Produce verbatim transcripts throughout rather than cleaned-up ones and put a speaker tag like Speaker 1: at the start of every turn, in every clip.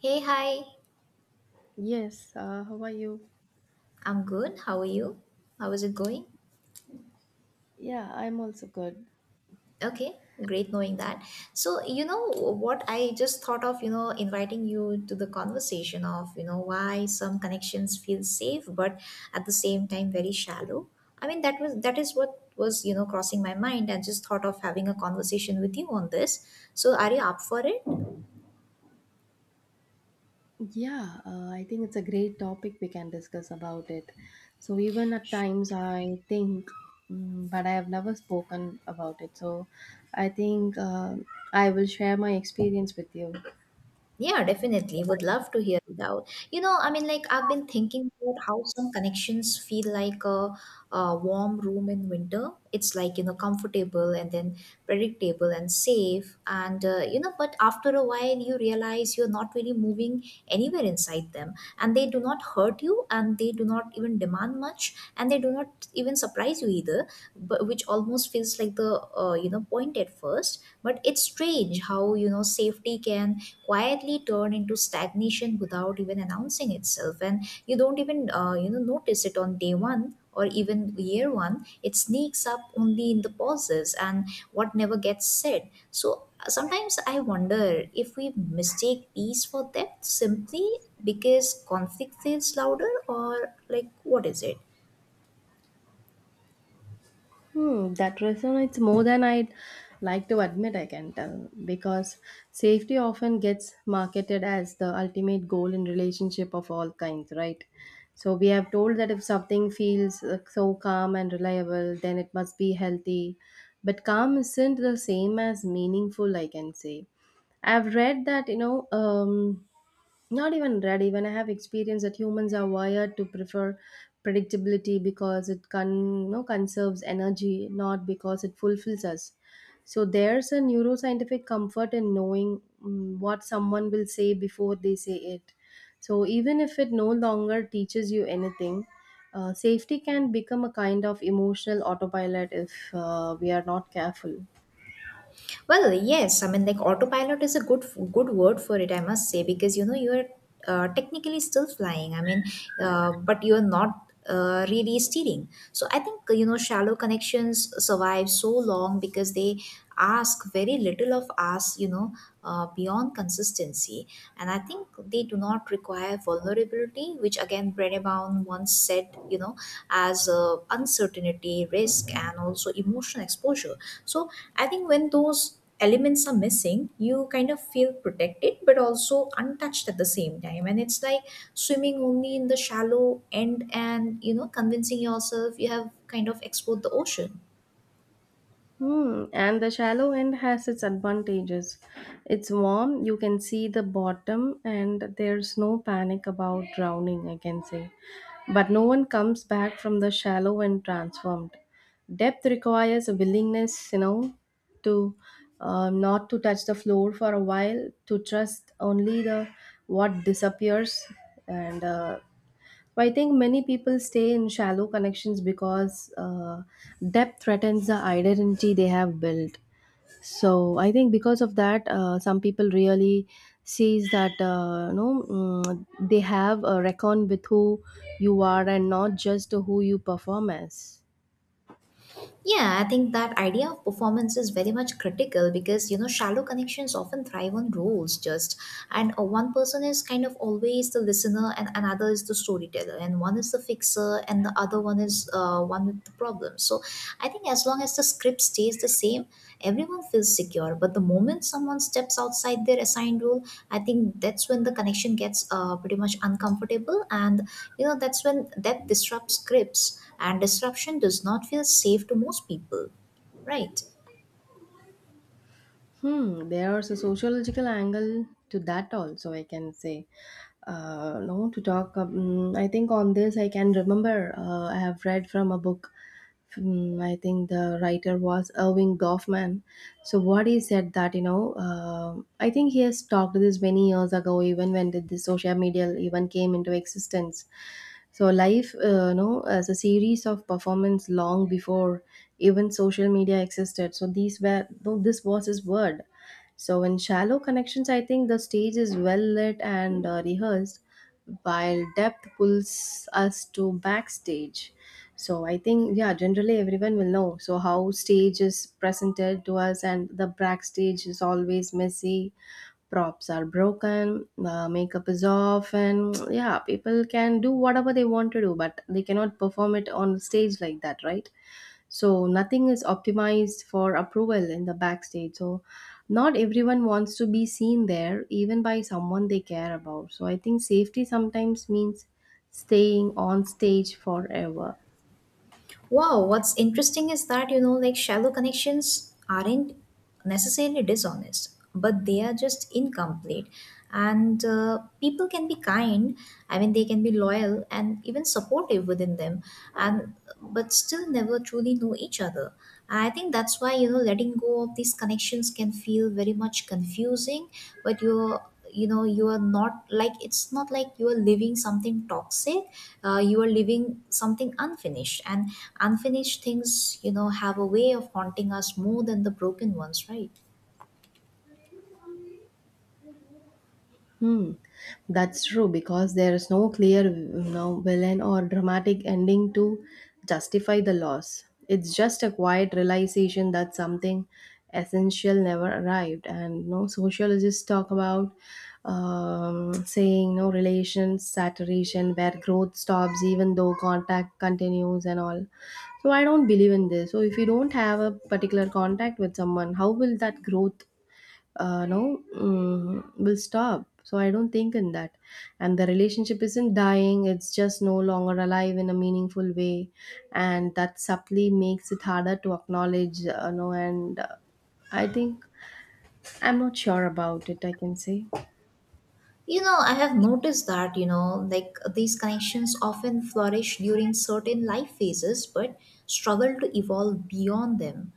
Speaker 1: Hey, hi.
Speaker 2: Yes, uh, how are you?
Speaker 1: I'm good. How are you? How is it going?
Speaker 2: Yeah, I'm also good.
Speaker 1: Okay, great knowing that. So, you know what I just thought of, you know, inviting you to the conversation of, you know, why some connections feel safe but at the same time very shallow. I mean, that was that is what was, you know, crossing my mind. I just thought of having a conversation with you on this. So, are you up for it?
Speaker 2: Yeah, uh, I think it's a great topic we can discuss about it. So even at times I think, mm, but I have never spoken about it. So I think uh, I will share my experience with you.
Speaker 1: Yeah, definitely. Would love to hear it out. You know, I mean, like, I've been thinking about how some connections feel like a, a warm room in winter. It's like, you know, comfortable and then predictable and safe. And, uh, you know, but after a while, you realize you're not really moving anywhere inside them. And they do not hurt you, and they do not even demand much, and they do not even surprise you either, but which almost feels like the, uh, you know, point at first. But it's strange how, you know, safety can quietly turn into stagnation without even announcing itself, and you don't even uh, you know notice it on day one or even year one. It sneaks up only in the pauses and what never gets said. So uh, sometimes I wonder if we mistake peace for depth simply because conflict feels louder. Or like, what is it?
Speaker 2: Hmm, that resonates more than I'd like to admit, I can tell, because safety often gets marketed as the ultimate goal in relationship of all kinds, right? So we have told that if something feels uh, so calm and reliable, then it must be healthy. But calm isn't the same as meaningful, I can say. I've read that you know um, not even ready. When I have experienced that humans are wired to prefer predictability because it con- you know, conserves energy, not because it fulfills us. So there's a neuroscientific comfort in knowing mm, what someone will say before they say it. So even if it no longer teaches you anything, uh, safety can become a kind of emotional autopilot if uh, we are not careful.
Speaker 1: Well, yes. I mean, like, autopilot is a good good word for it, I must say, because you know you're uh, technically still flying. I mean, uh, but you're not uh, really steering. So I think, you know, shallow connections survive so long because they ask very little of us, you know, uh, beyond consistency, and I think they do not require vulnerability vulnerability, which again Brennebaum once said, you know, as uh, uncertainty, risk, and also emotional exposure. So I think when those elements are missing, you kind of feel protected but also untouched at the same time. And it's like swimming only in the shallow end and, you know, convincing yourself you have kind of explored the ocean.
Speaker 2: Hmm, and the shallow end has its advantages. It's warm, you can see the bottom, and there's no panic about drowning, I can say. But no one comes back from the shallow end transformed. Depth requires a willingness, you know, to uh, not to touch the floor for a while, to trust only the what disappears, and uh, I think many people stay in shallow connections because uh, depth threatens the identity they have built. So I think because of that, uh, some people really sees that uh, you know mm, they have a reckon with who you are and not just who you perform as.
Speaker 1: Yeah, I think that idea of performance is very much critical, because you know shallow connections often thrive on roles just, and uh, one person is kind of always the listener, and another is the storyteller, and one is the fixer, and the other one is uh, one with the problem. So I think as long as the script stays the same, everyone feels secure, but the moment someone steps outside their assigned role, I think that's when the connection gets uh, pretty much uncomfortable, and you know that's when that disrupts scripts, and disruption does not feel safe to most people, right?
Speaker 2: Hmm, there's a sociological angle to that also, I can say. Uh, no, to talk, um, I think on this I can remember uh, I have read from a book. Um, I think the writer was Irving Goffman. So what he said that you know, uh, I think he has talked this many years ago, even when the, the social media even came into existence. So life, uh, you know, as a series of performance long before even social media existed. So these were though this was his word. So in shallow connections, I think the stage is well lit and uh, rehearsed, while depth pulls us to backstage. So I think yeah, generally everyone will know. So how stage is presented to us, and the backstage is always messy props are broken, the makeup is off, and yeah, people can do whatever they want to do, but they cannot perform it on stage like that, right? So nothing is optimized for approval in the backstage. So not everyone wants to be seen there, even by someone they care about. So I think safety sometimes means staying on stage forever.
Speaker 1: Wow, what's interesting is that, you know, like, shallow connections aren't necessarily dishonest, but they are just incomplete. And uh, people can be kind, I mean, they can be loyal and even supportive within them, and but still never truly know each other. I think that's why, you know, letting go of these connections can feel very much confusing, but you're you know you are not, like, it's not like you are living something toxic. Uh, you are living something unfinished, and unfinished things, you know, have a way of haunting us more than the broken ones, right?
Speaker 2: That's true because there is no clear you know, villain or dramatic ending to justify the loss. It's just a quiet realization that something essential never arrived. And no sociologists talk about um, saying no relations saturation where growth stops even though contact continues and all. So I don't believe in this. So if you don't have a particular contact with someone, how will that growth uh, no, mm, will stop. So I don't think in that. And the relationship isn't dying, it's just no longer alive in a meaningful way. And that subtly makes it harder to acknowledge, uh, you know, and uh, I think I'm not sure about it, I can say.
Speaker 1: You know, I have noticed that, you know, like, these connections often flourish during certain life phases but struggle to evolve beyond them.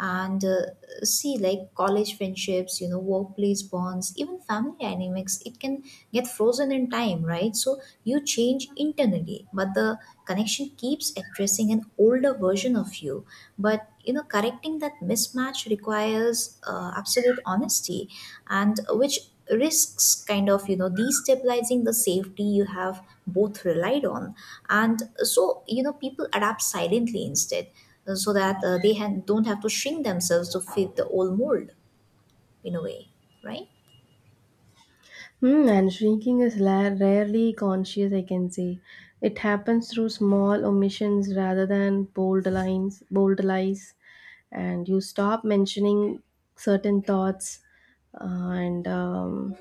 Speaker 1: And uh, see, like college friendships, you know, workplace bonds, even family dynamics, it can get frozen in time, right? So you change internally, but the connection keeps addressing an older version of you. But, you know, correcting that mismatch requires uh, absolute honesty, and which risks kind of, you know, destabilizing the safety you have both relied on. And so, you know, people adapt silently instead, uh, so that uh, they ha- don't have to shrink themselves to fit the old mold, in a way, right?
Speaker 2: Hmm, and shrinking is la- rarely conscious, I can say. It happens through small omissions rather than bold lines, bold lies, and you stop mentioning certain thoughts. Uh, and um,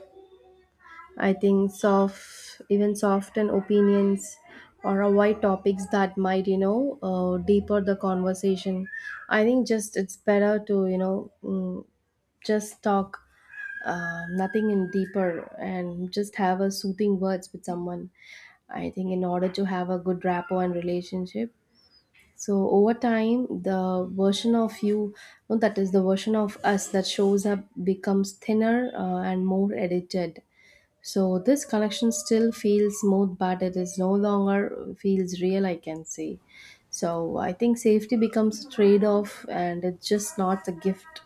Speaker 2: I think soft, even soften opinions or avoid topics that might, you know, uh, deeper the conversation. I think just it's better to, you know, mm, just talk uh, nothing in deeper and just have a soothing words with someone. I think in order to have a good rapport and relationship, so over time the version of you no, that is the version of us that shows up becomes thinner uh, and more edited. So this connection still feels smooth but it is no longer feels real, I can say. So I think safety becomes a trade-off and it's just not a gift.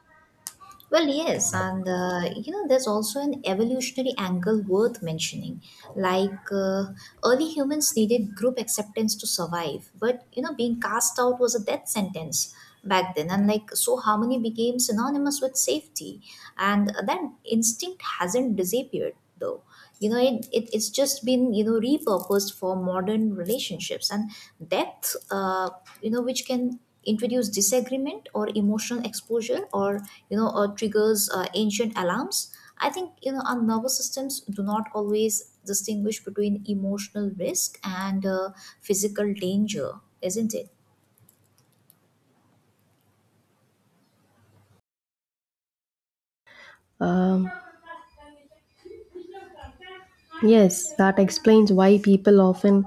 Speaker 1: Well, yes, and uh, you know, there's also an evolutionary angle worth mentioning. Like uh, early humans needed group acceptance to survive, but you know, being cast out was a death sentence back then. And like, so harmony became synonymous with safety, and that instinct hasn't disappeared, though, you know, it, it it's just been, you know, repurposed for modern relationships. And depth, uh, you know, which can introduce disagreement or emotional exposure, or you know, or triggers uh, ancient alarms. I think, you know, our nervous systems do not always distinguish between emotional risk and uh, physical danger, isn't it?
Speaker 2: um, Yes, that explains why people often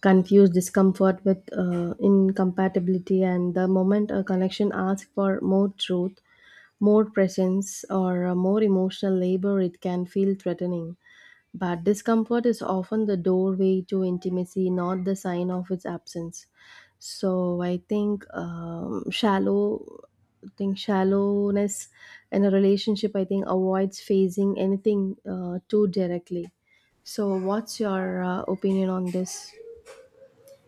Speaker 2: confuse discomfort with uh, incompatibility, and the moment a connection asks for more truth, more presence, or uh, more emotional labor, it can feel threatening. But discomfort is often the doorway to intimacy, not the sign of its absence. So I think um, shallow, I think shallowness in a relationship, I think avoids facing anything uh, too directly. So what's your uh, opinion on this?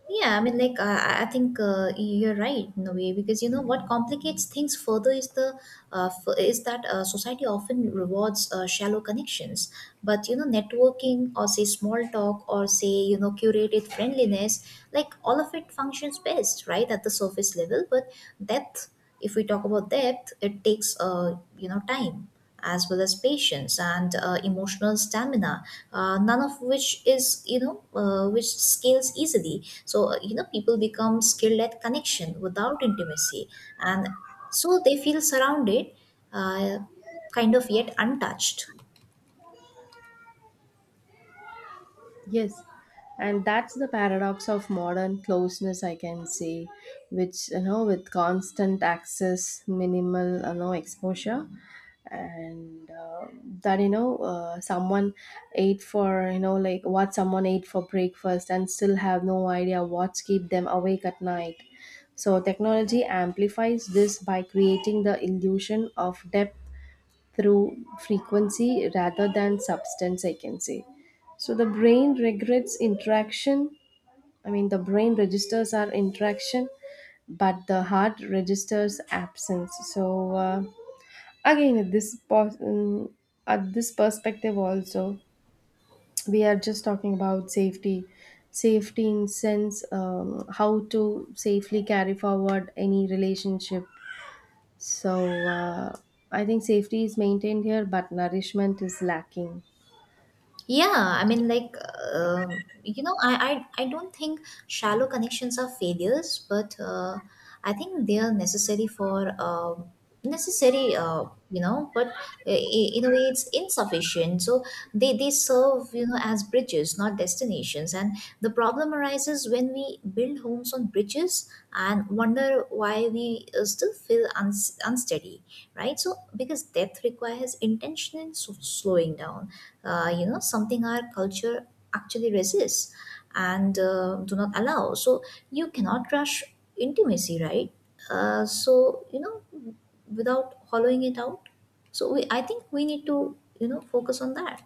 Speaker 1: Yeah, I mean, like, uh, I I think uh, you're right in a way, because you know what complicates things further is the uh, f- is that uh, society often rewards uh, shallow connections, but you know, networking, or say small talk, or say, you know, curated friendliness, like all of it functions best right at the surface level. But depth, if we talk about depth, it takes uh, you know, time, as well as patience and uh, emotional stamina, uh, none of which is, you know, uh, which scales easily. So uh, you know, people become skilled at connection without intimacy, and so they feel surrounded, uh, kind of, yet untouched.
Speaker 2: Yes, and that's the paradox of modern closeness, I can say, which you know, with constant access, minimal you know exposure, and uh, that you know, uh, someone ate for you know, like what someone ate for breakfast, and still have no idea what's keep them awake at night. So technology amplifies this by creating the illusion of depth through frequency rather than substance, I can say. So the brain regrets interaction i mean the brain registers our interaction, but the heart registers absence. So uh, again at this pos- um, at this perspective also, we are just talking about safety, safety in sense, um, how to safely carry forward any relationship. So uh, I think safety is maintained here, but nourishment is lacking.
Speaker 1: Yeah, I mean, like, um, you know, I, I, I don't think shallow connections are failures, but uh, I think they are necessary for um necessary, uh, you know, but i- i- in a way it's insufficient. So they, they serve, you know, as bridges, not destinations. And the problem arises when we build homes on bridges and wonder why we uh, still feel uns- unsteady, right? So because depth requires intentional s- slowing down, uh, you know, something our culture actually resists and uh, do not allow. So you cannot rush intimacy, right? Uh, so you know, without hollowing it out. So we I think we need to, you know, focus on that.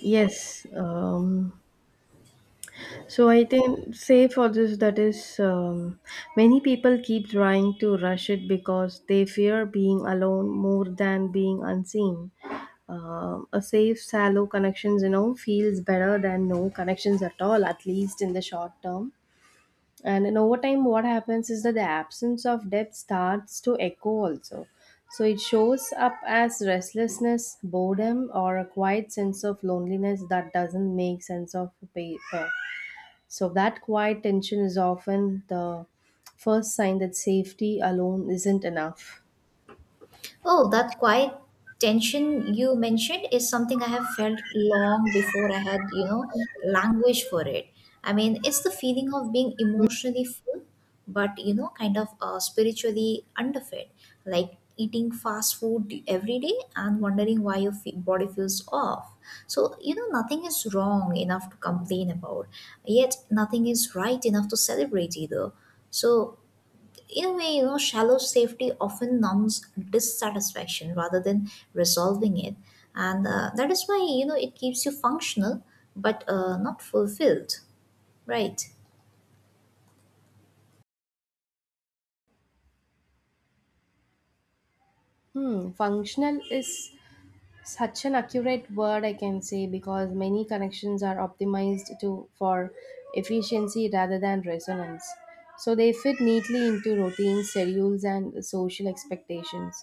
Speaker 2: Yes. Um, so I think say for this that is um, many people keep trying to rush it because they fear being alone more than being unseen. Um, a safe, shallow connections, you know, feels better than no connections at all, at least in the short term. And in over time what happens is that the absence of depth starts to echo also. So it shows up as restlessness, boredom, or a quiet sense of loneliness that doesn't make sense of paper. So that quiet tension is often the first sign that safety alone isn't enough.
Speaker 1: Oh, that quiet tension you mentioned is something I have felt long before I had, you know, language for it. I mean, it's the feeling of being emotionally full, but, you know, kind of uh, spiritually underfed, like eating fast food every day and wondering why your fe- body feels off. So, you know, nothing is wrong enough to complain about, yet nothing is right enough to celebrate either. So, in a way, you know, shallow safety often numbs dissatisfaction rather than resolving it, and uh, that is why, you know, it keeps you functional, but uh, not fulfilled, right?
Speaker 2: Hmm. Functional is such an accurate word, I can say, because many connections are optimized to for efficiency rather than resonance. So they fit neatly into routines, schedules and social expectations.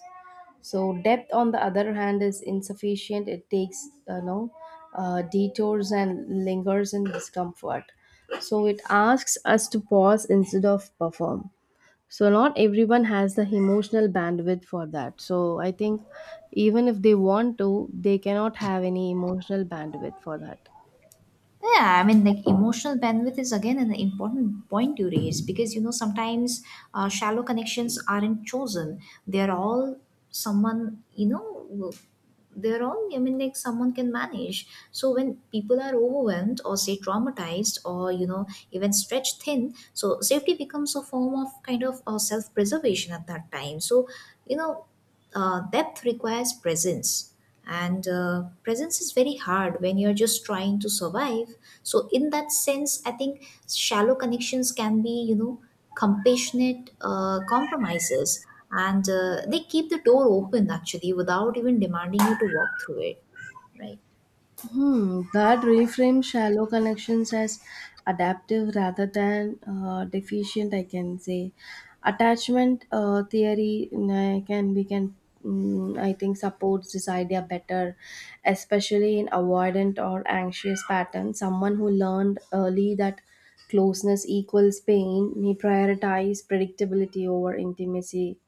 Speaker 2: So depth on the other hand is insufficient. It takes uh, you know uh, detours and lingers in discomfort. So it asks us to pause instead of perform. So not everyone has the emotional bandwidth for that. So I think even if they want to, they cannot have any emotional bandwidth for that.
Speaker 1: Yeah, I mean, like, emotional bandwidth is again an important point you raise, because you know sometimes uh, shallow connections aren't chosen. They're all someone you know. They're all, I mean, like, someone can manage. So when people are overwhelmed, or say traumatized, or you know, even stretched thin, so safety becomes a form of kind of uh, self-preservation at that time. So you know, uh, depth requires presence, and uh, presence is very hard when you're just trying to survive. So in that sense, I think shallow connections can be, you know, compassionate uh, compromises, and uh, they keep the door open actually, without even demanding you to walk through it, right?
Speaker 2: Hmm, that reframes shallow connections as adaptive rather than uh, deficient, I can say. Attachment uh, theory uh, can we can mm, I think supports this idea better, especially in avoidant or anxious patterns. Someone who learned early that closeness equals pain may prioritize predictability over intimacy.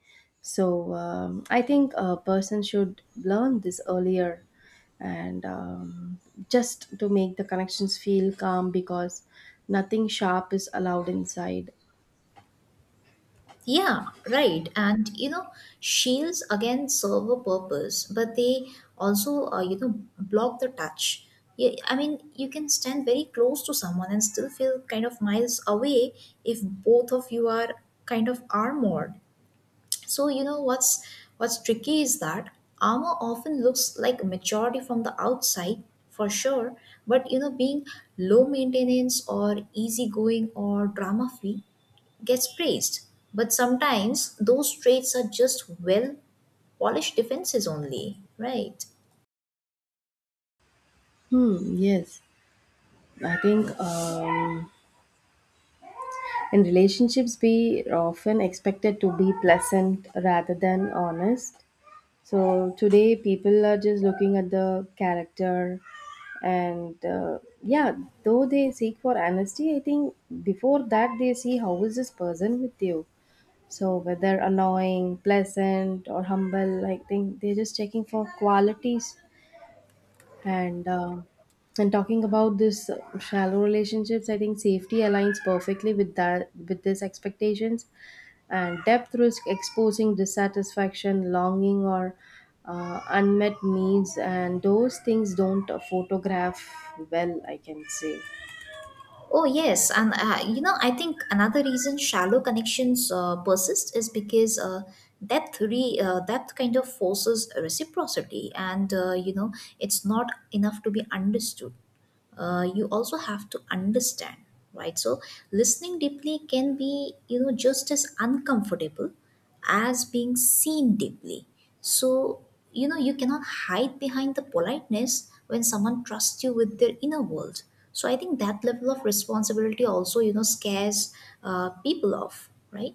Speaker 2: So um, I think a person should learn this earlier and um, just to make the connections feel calm because nothing sharp is allowed inside.
Speaker 1: Yeah, right. And you know, shields again serve a purpose, but they also, uh, you know, block the touch. Yeah, I mean, you can stand very close to someone and still feel kind of miles away if both of you are kind of armored. So you know what's what's tricky is that armor often looks like maturity from the outside, for sure, but you know, being low maintenance, or easygoing, or drama free gets praised. But sometimes those traits are just well polished defenses only, right?
Speaker 2: Hmm, yes. I think um, in relationships, we are often expected to be pleasant rather than honest. So today, people are just looking at the character, and uh, yeah, though they seek for honesty, I think before that they see how is this person with you. So whether annoying, pleasant, or humble, I think they're just checking for qualities. And uh, and talking about this shallow relationships, I think safety aligns perfectly with that with these expectations. And depth risk exposing dissatisfaction, longing, or uh, unmet needs, and those things don't uh, photograph well, I can say.
Speaker 1: Oh, yes. And, uh, you know, I think another reason shallow connections uh, persist is because uh, that, re- uh, that kind of forces reciprocity, and, uh, you know, it's not enough to be understood. Uh, you also have to understand, right? So listening deeply can be, you know, just as uncomfortable as being seen deeply. So you know, you cannot hide behind the politeness when someone trusts you with their inner world. So I think that level of responsibility also, you know, scares uh, people off, right?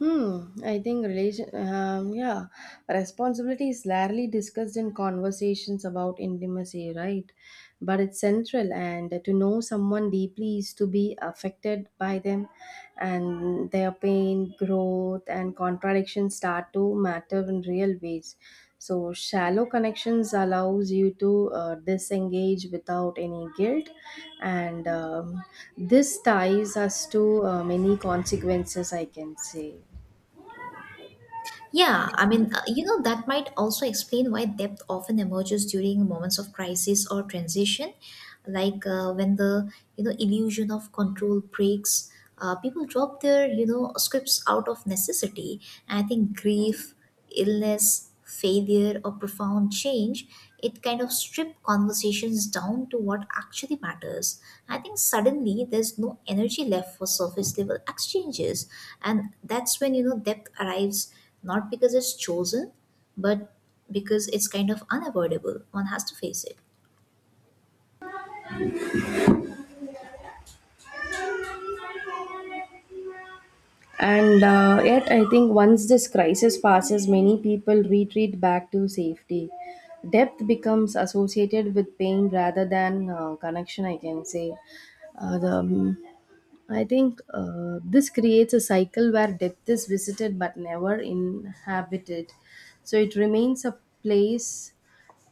Speaker 2: Hmm, I think relation, um, yeah, responsibility is rarely discussed in conversations about intimacy, right? But it's central, and to know someone deeply is to be affected by them, and their pain, growth, and contradictions start to matter in real ways. So shallow connections allows you to uh, disengage without any guilt, and um, this ties us to uh, many consequences, I can say.
Speaker 1: Yeah, I mean, uh, you know, that might also explain why depth often emerges during moments of crisis or transition, like uh, when the, you know, illusion of control breaks. Uh, people drop their, you know, scripts out of necessity. And I think grief, illness, failure, or profound change, it kind of strip conversations down to what actually matters. I think suddenly there's no energy left for surface level exchanges, and that's when, you know, depth arrives, not because it's chosen, but because it's kind of unavoidable. One has to face it.
Speaker 2: And uh, yet, I think once this crisis passes, many people retreat back to safety. Depth becomes associated with pain rather than uh, connection, I can say. Uh, the, um, I think uh, this creates a cycle where depth is visited but never inhabited. So it remains a place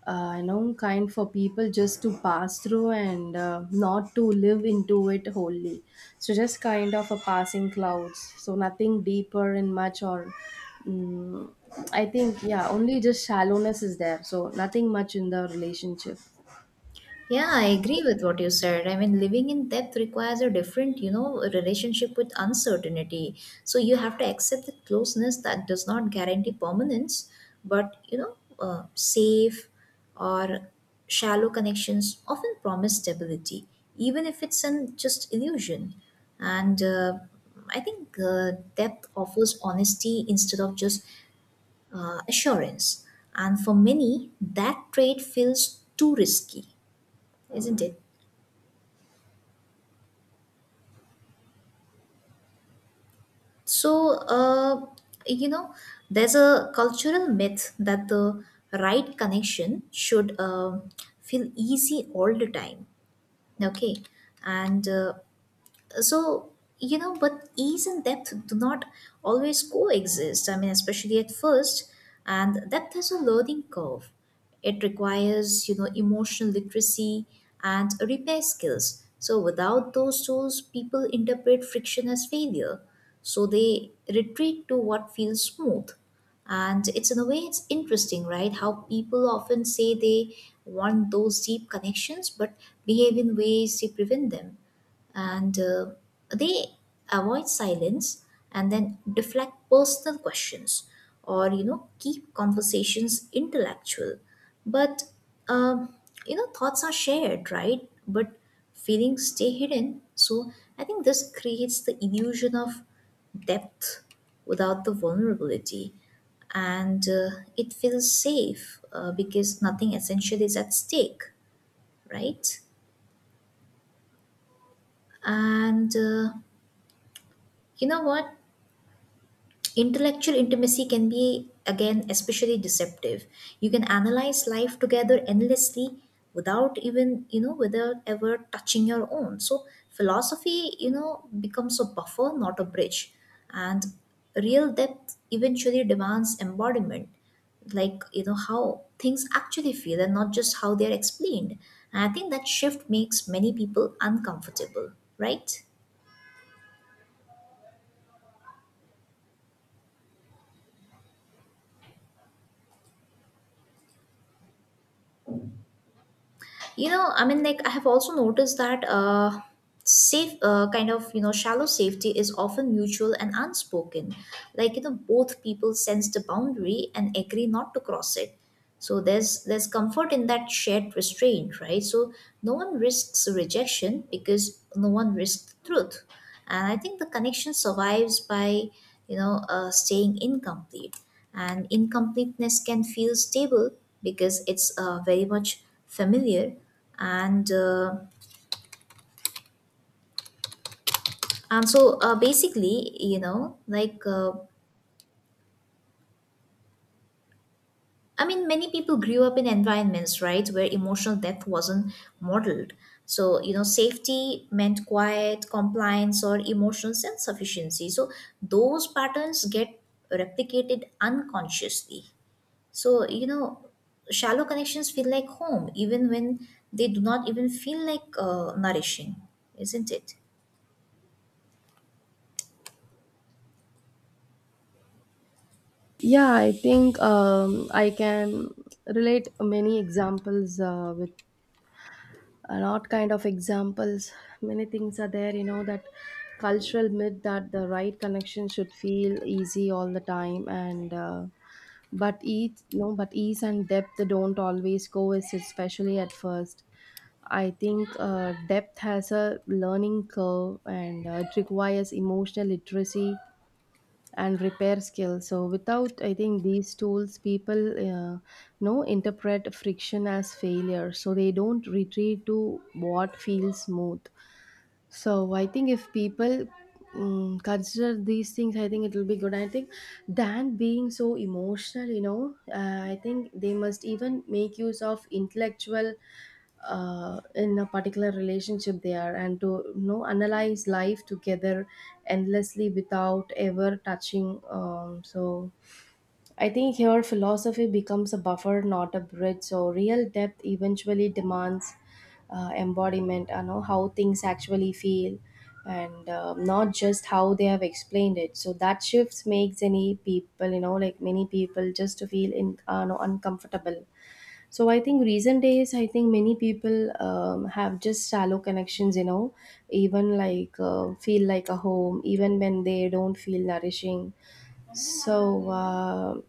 Speaker 2: uh, you know kind for people just to pass through and uh, not to live into it wholly. So just kind of a passing clouds, so nothing deeper in much or mm, I think yeah only just shallowness is there so nothing much in the relationship.
Speaker 1: Yeah, I agree with what you said. I mean, living in depth requires a different, you know, relationship with uncertainty. So you have to accept the closeness that does not guarantee permanence, but, you know, uh, safe or shallow connections often promise stability, even if it's an just illusion. And uh, I think uh, depth offers honesty instead of just uh, assurance. And for many, that trade feels too risky, isn't it? So, uh, you know, there's a cultural myth that the right connection should um feel easy all the time. Okay. And uh, so you know but ease and depth do not always coexist. I mean, especially at first, and depth has a learning curve. It requires, you know emotional literacy and repair skills, so without those tools people interpret friction as failure, so they retreat to what feels smooth. And it's, in a way, it's interesting, right, how people often say they want those deep connections but behave in ways to prevent them. And uh, they avoid silence and then deflect personal questions or, you know keep conversations intellectual. But um, you know thoughts are shared, right, but feelings stay hidden. So I think this creates the illusion of depth without the vulnerability. And uh, it feels safe, uh, because nothing essential is at stake, right? And uh, you know what? Intellectual intimacy can be, again, especially deceptive. You can analyze life together endlessly without even, you know without ever touching your own. So philosophy, you know becomes a buffer, not a bridge. And real depth eventually demands embodiment, like, you know how things actually feel, and not just how they're explained. And I think that shift makes many people uncomfortable, right? you know I mean, like, I have also noticed that uh safe, uh, kind of, you know shallow safety is often mutual and unspoken. Like, you know both people sense the boundary and agree not to cross it. So there's there's comfort in that shared restraint, right? So no one risks rejection because no one risks the truth. And I think the connection survives by, you know uh, staying incomplete. And incompleteness can feel stable because it's, uh, very much familiar. And uh, and so uh, basically you know like uh, I mean, many people grew up in environments, right, where emotional depth wasn't modeled. So, you know safety meant quiet compliance or emotional self sufficiency. So those patterns get replicated unconsciously. So, you know shallow connections feel like home even when they do not even feel like, uh, nourishing, isn't it?
Speaker 2: Yeah, I think um, I can relate many examples uh, with a lot kind of examples. Many things are there you know that cultural myth that the right connection should feel easy all the time, and uh, but ease no but ease and depth don't always go as, especially at first. I think uh, depth has a learning curve, and uh, it requires emotional literacy and repair skills. So without, I think, these tools, people uh, know interpret friction as failure, so they don't retreat to what feels smooth. So I think if people um, consider these things, I think it will be good. I think than being so emotional, you know, uh, I think they must even make use of intellectual uh, in a particular relationship they are, and to you know analyze life together endlessly without ever touching um, so I think here philosophy becomes a buffer, not a bridge. So real depth eventually demands uh, embodiment, you know, how things actually feel, and uh, not just how they have explained it. So that shifts makes any people, you know, like many people, just to feel in, uh, no, uncomfortable. So I think recent days, I think many people um, have just shallow connections, you know, even like uh, feel like a home, even when they don't feel nourishing. So. Uh,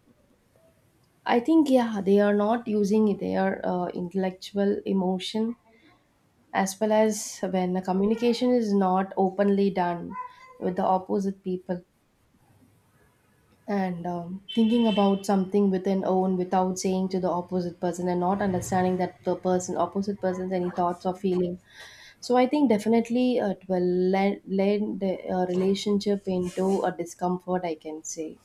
Speaker 2: I think yeah, they are not using their uh, intellectual emotion, as well as when the communication is not openly done with the opposite people, and um, thinking about something within own without saying to the opposite person, and not understanding that the person opposite person's any thoughts or feeling. So I think definitely uh, it will lend, lend the uh, relationship into a discomfort, I can say.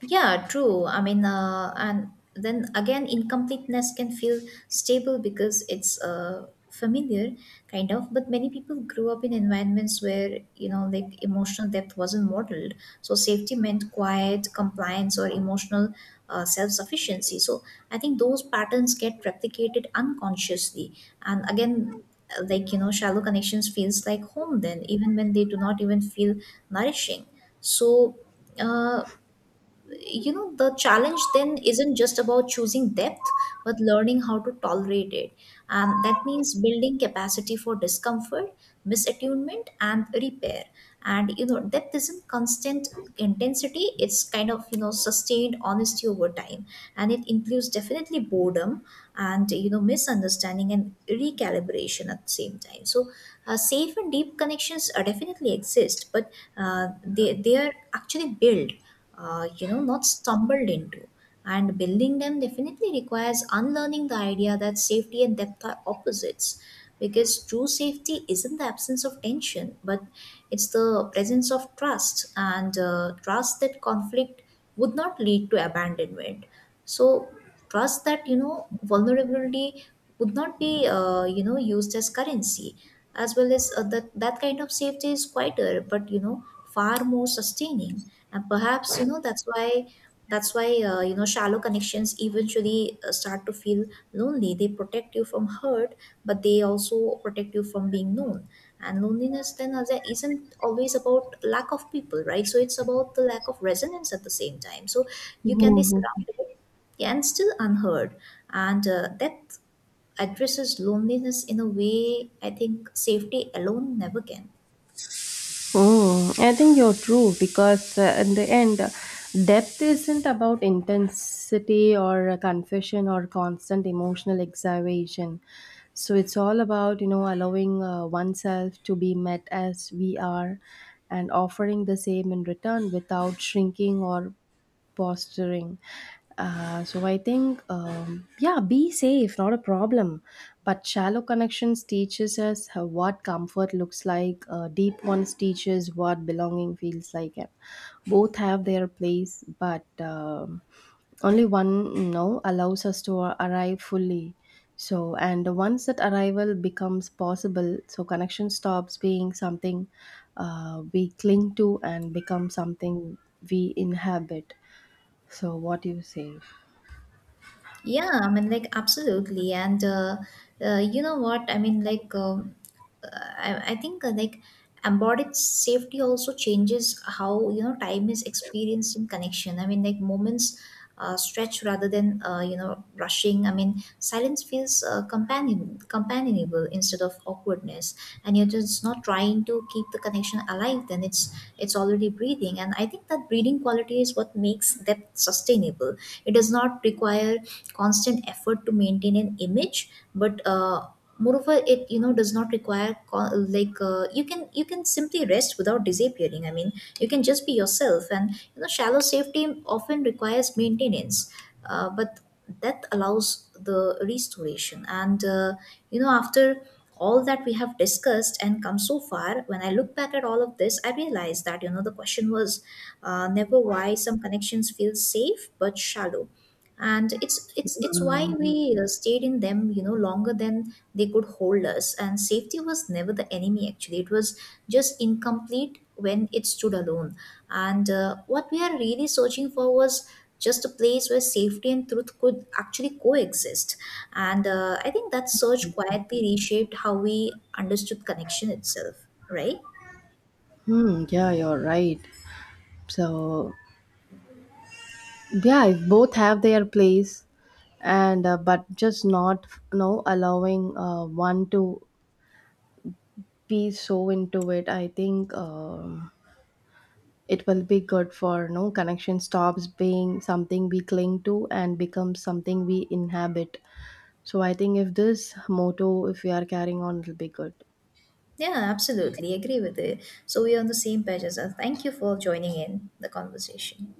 Speaker 1: Yeah, true. I mean, uh, and then again, incompleteness can feel stable because it's, uh, familiar, kind of. But many people grew up in environments where, you know, like, emotional depth wasn't modeled. So safety meant quiet, compliance, or emotional, uh, self sufficiency. So I think those patterns get replicated unconsciously. And again, uh, like, you know, shallow connections feels like home then, even when they do not even feel nourishing. So, uh, you know the challenge then isn't just about choosing depth but learning how to tolerate it. And that means building capacity for discomfort, misattunement, and repair. And, you know depth isn't constant intensity. It's kind of, you know sustained honesty over time, and it includes definitely boredom and, you know misunderstanding and recalibration at the same time. So, uh, safe and deep connections are definitely exist, but uh, they they are actually built, uh, you know not stumbled into. And building them definitely requires unlearning the idea that safety and depth are opposites, because true safety isn't the absence of tension but it's the presence of trust. And uh, trust that conflict would not lead to abandonment. So trust that, you know vulnerability would not be, uh, you know used as currency. As well as, uh, that that kind of safety is quieter but, you know far more sustaining. And perhaps, you know that's why that's why uh, you know shallow connections eventually, uh, start to feel lonely. They protect you from hurt, but they also protect you from being known. And loneliness then, as a- isn't always about lack of people, right? So it's about the lack of resonance at the same time. So you can be
Speaker 2: Mhm.
Speaker 1: surrounded, yeah, and still unheard. And uh, that addresses loneliness in a way, I think safety alone never can.
Speaker 2: Mm, I think you're true because uh, in the end, uh, depth isn't about intensity or uh, confession or constant emotional exaggeration. So it's all about, you know, allowing uh, oneself to be met as we are and offering the same in return without shrinking or posturing. Uh, so I think, um, yeah, be safe, not a problem. But shallow connections teaches us how, what comfort looks like. Uh, deep ones teaches what belonging feels like. And both have their place, but um, only one you know allows us to arrive fully. So, and once that arrival becomes possible, so connection stops being something uh, we cling to and becomes something we inhabit. So what do you say?
Speaker 1: Yeah, I mean, like, absolutely. And uh, uh, you know what? I mean, like, um, uh, I, I think, uh, like, embodied safety also changes how, you know, time is experienced in connection. I mean, like, moments uh, stretch rather than, uh, you know, rushing. I mean, silence feels, uh, companion, companionable instead of awkwardness. And you're just not trying to keep the connection alive, then it's, it's already breathing. And I think that breathing quality is what makes depth sustainable. It does not require constant effort to maintain an image, but uh, moreover it, you know does not require co- like, uh, you can you can simply rest without disappearing. I mean, you can just be yourself. And, you know shallow safety often requires maintenance, uh, but that allows the restoration. And uh, you know after all that we have discussed and come so far, when I look back at all of this, I realize that, you know the question was, uh, never why some connections feel safe but shallow. And it's it's it's why
Speaker 2: Mm.
Speaker 1: we, uh, stayed in them, you know longer than they could hold us. And safety was never the enemy, actually. It was just incomplete when it stood alone. And uh, what we are really searching for was just a place where safety and truth could actually coexist. And uh, I think that search quietly reshaped how we understood connection itself, right?
Speaker 2: Hmm, yeah, you're right. So yeah, if both have their place, and uh, but just not no allowing uh, one to be so into it. I think um, it will be good for no connection stops being something we cling to and becomes something we inhabit. So I think if this motto, if we are carrying on, it'll be good.
Speaker 1: Yeah, absolutely agree with it. So we are on the same page as us. Thank you for joining in the conversation.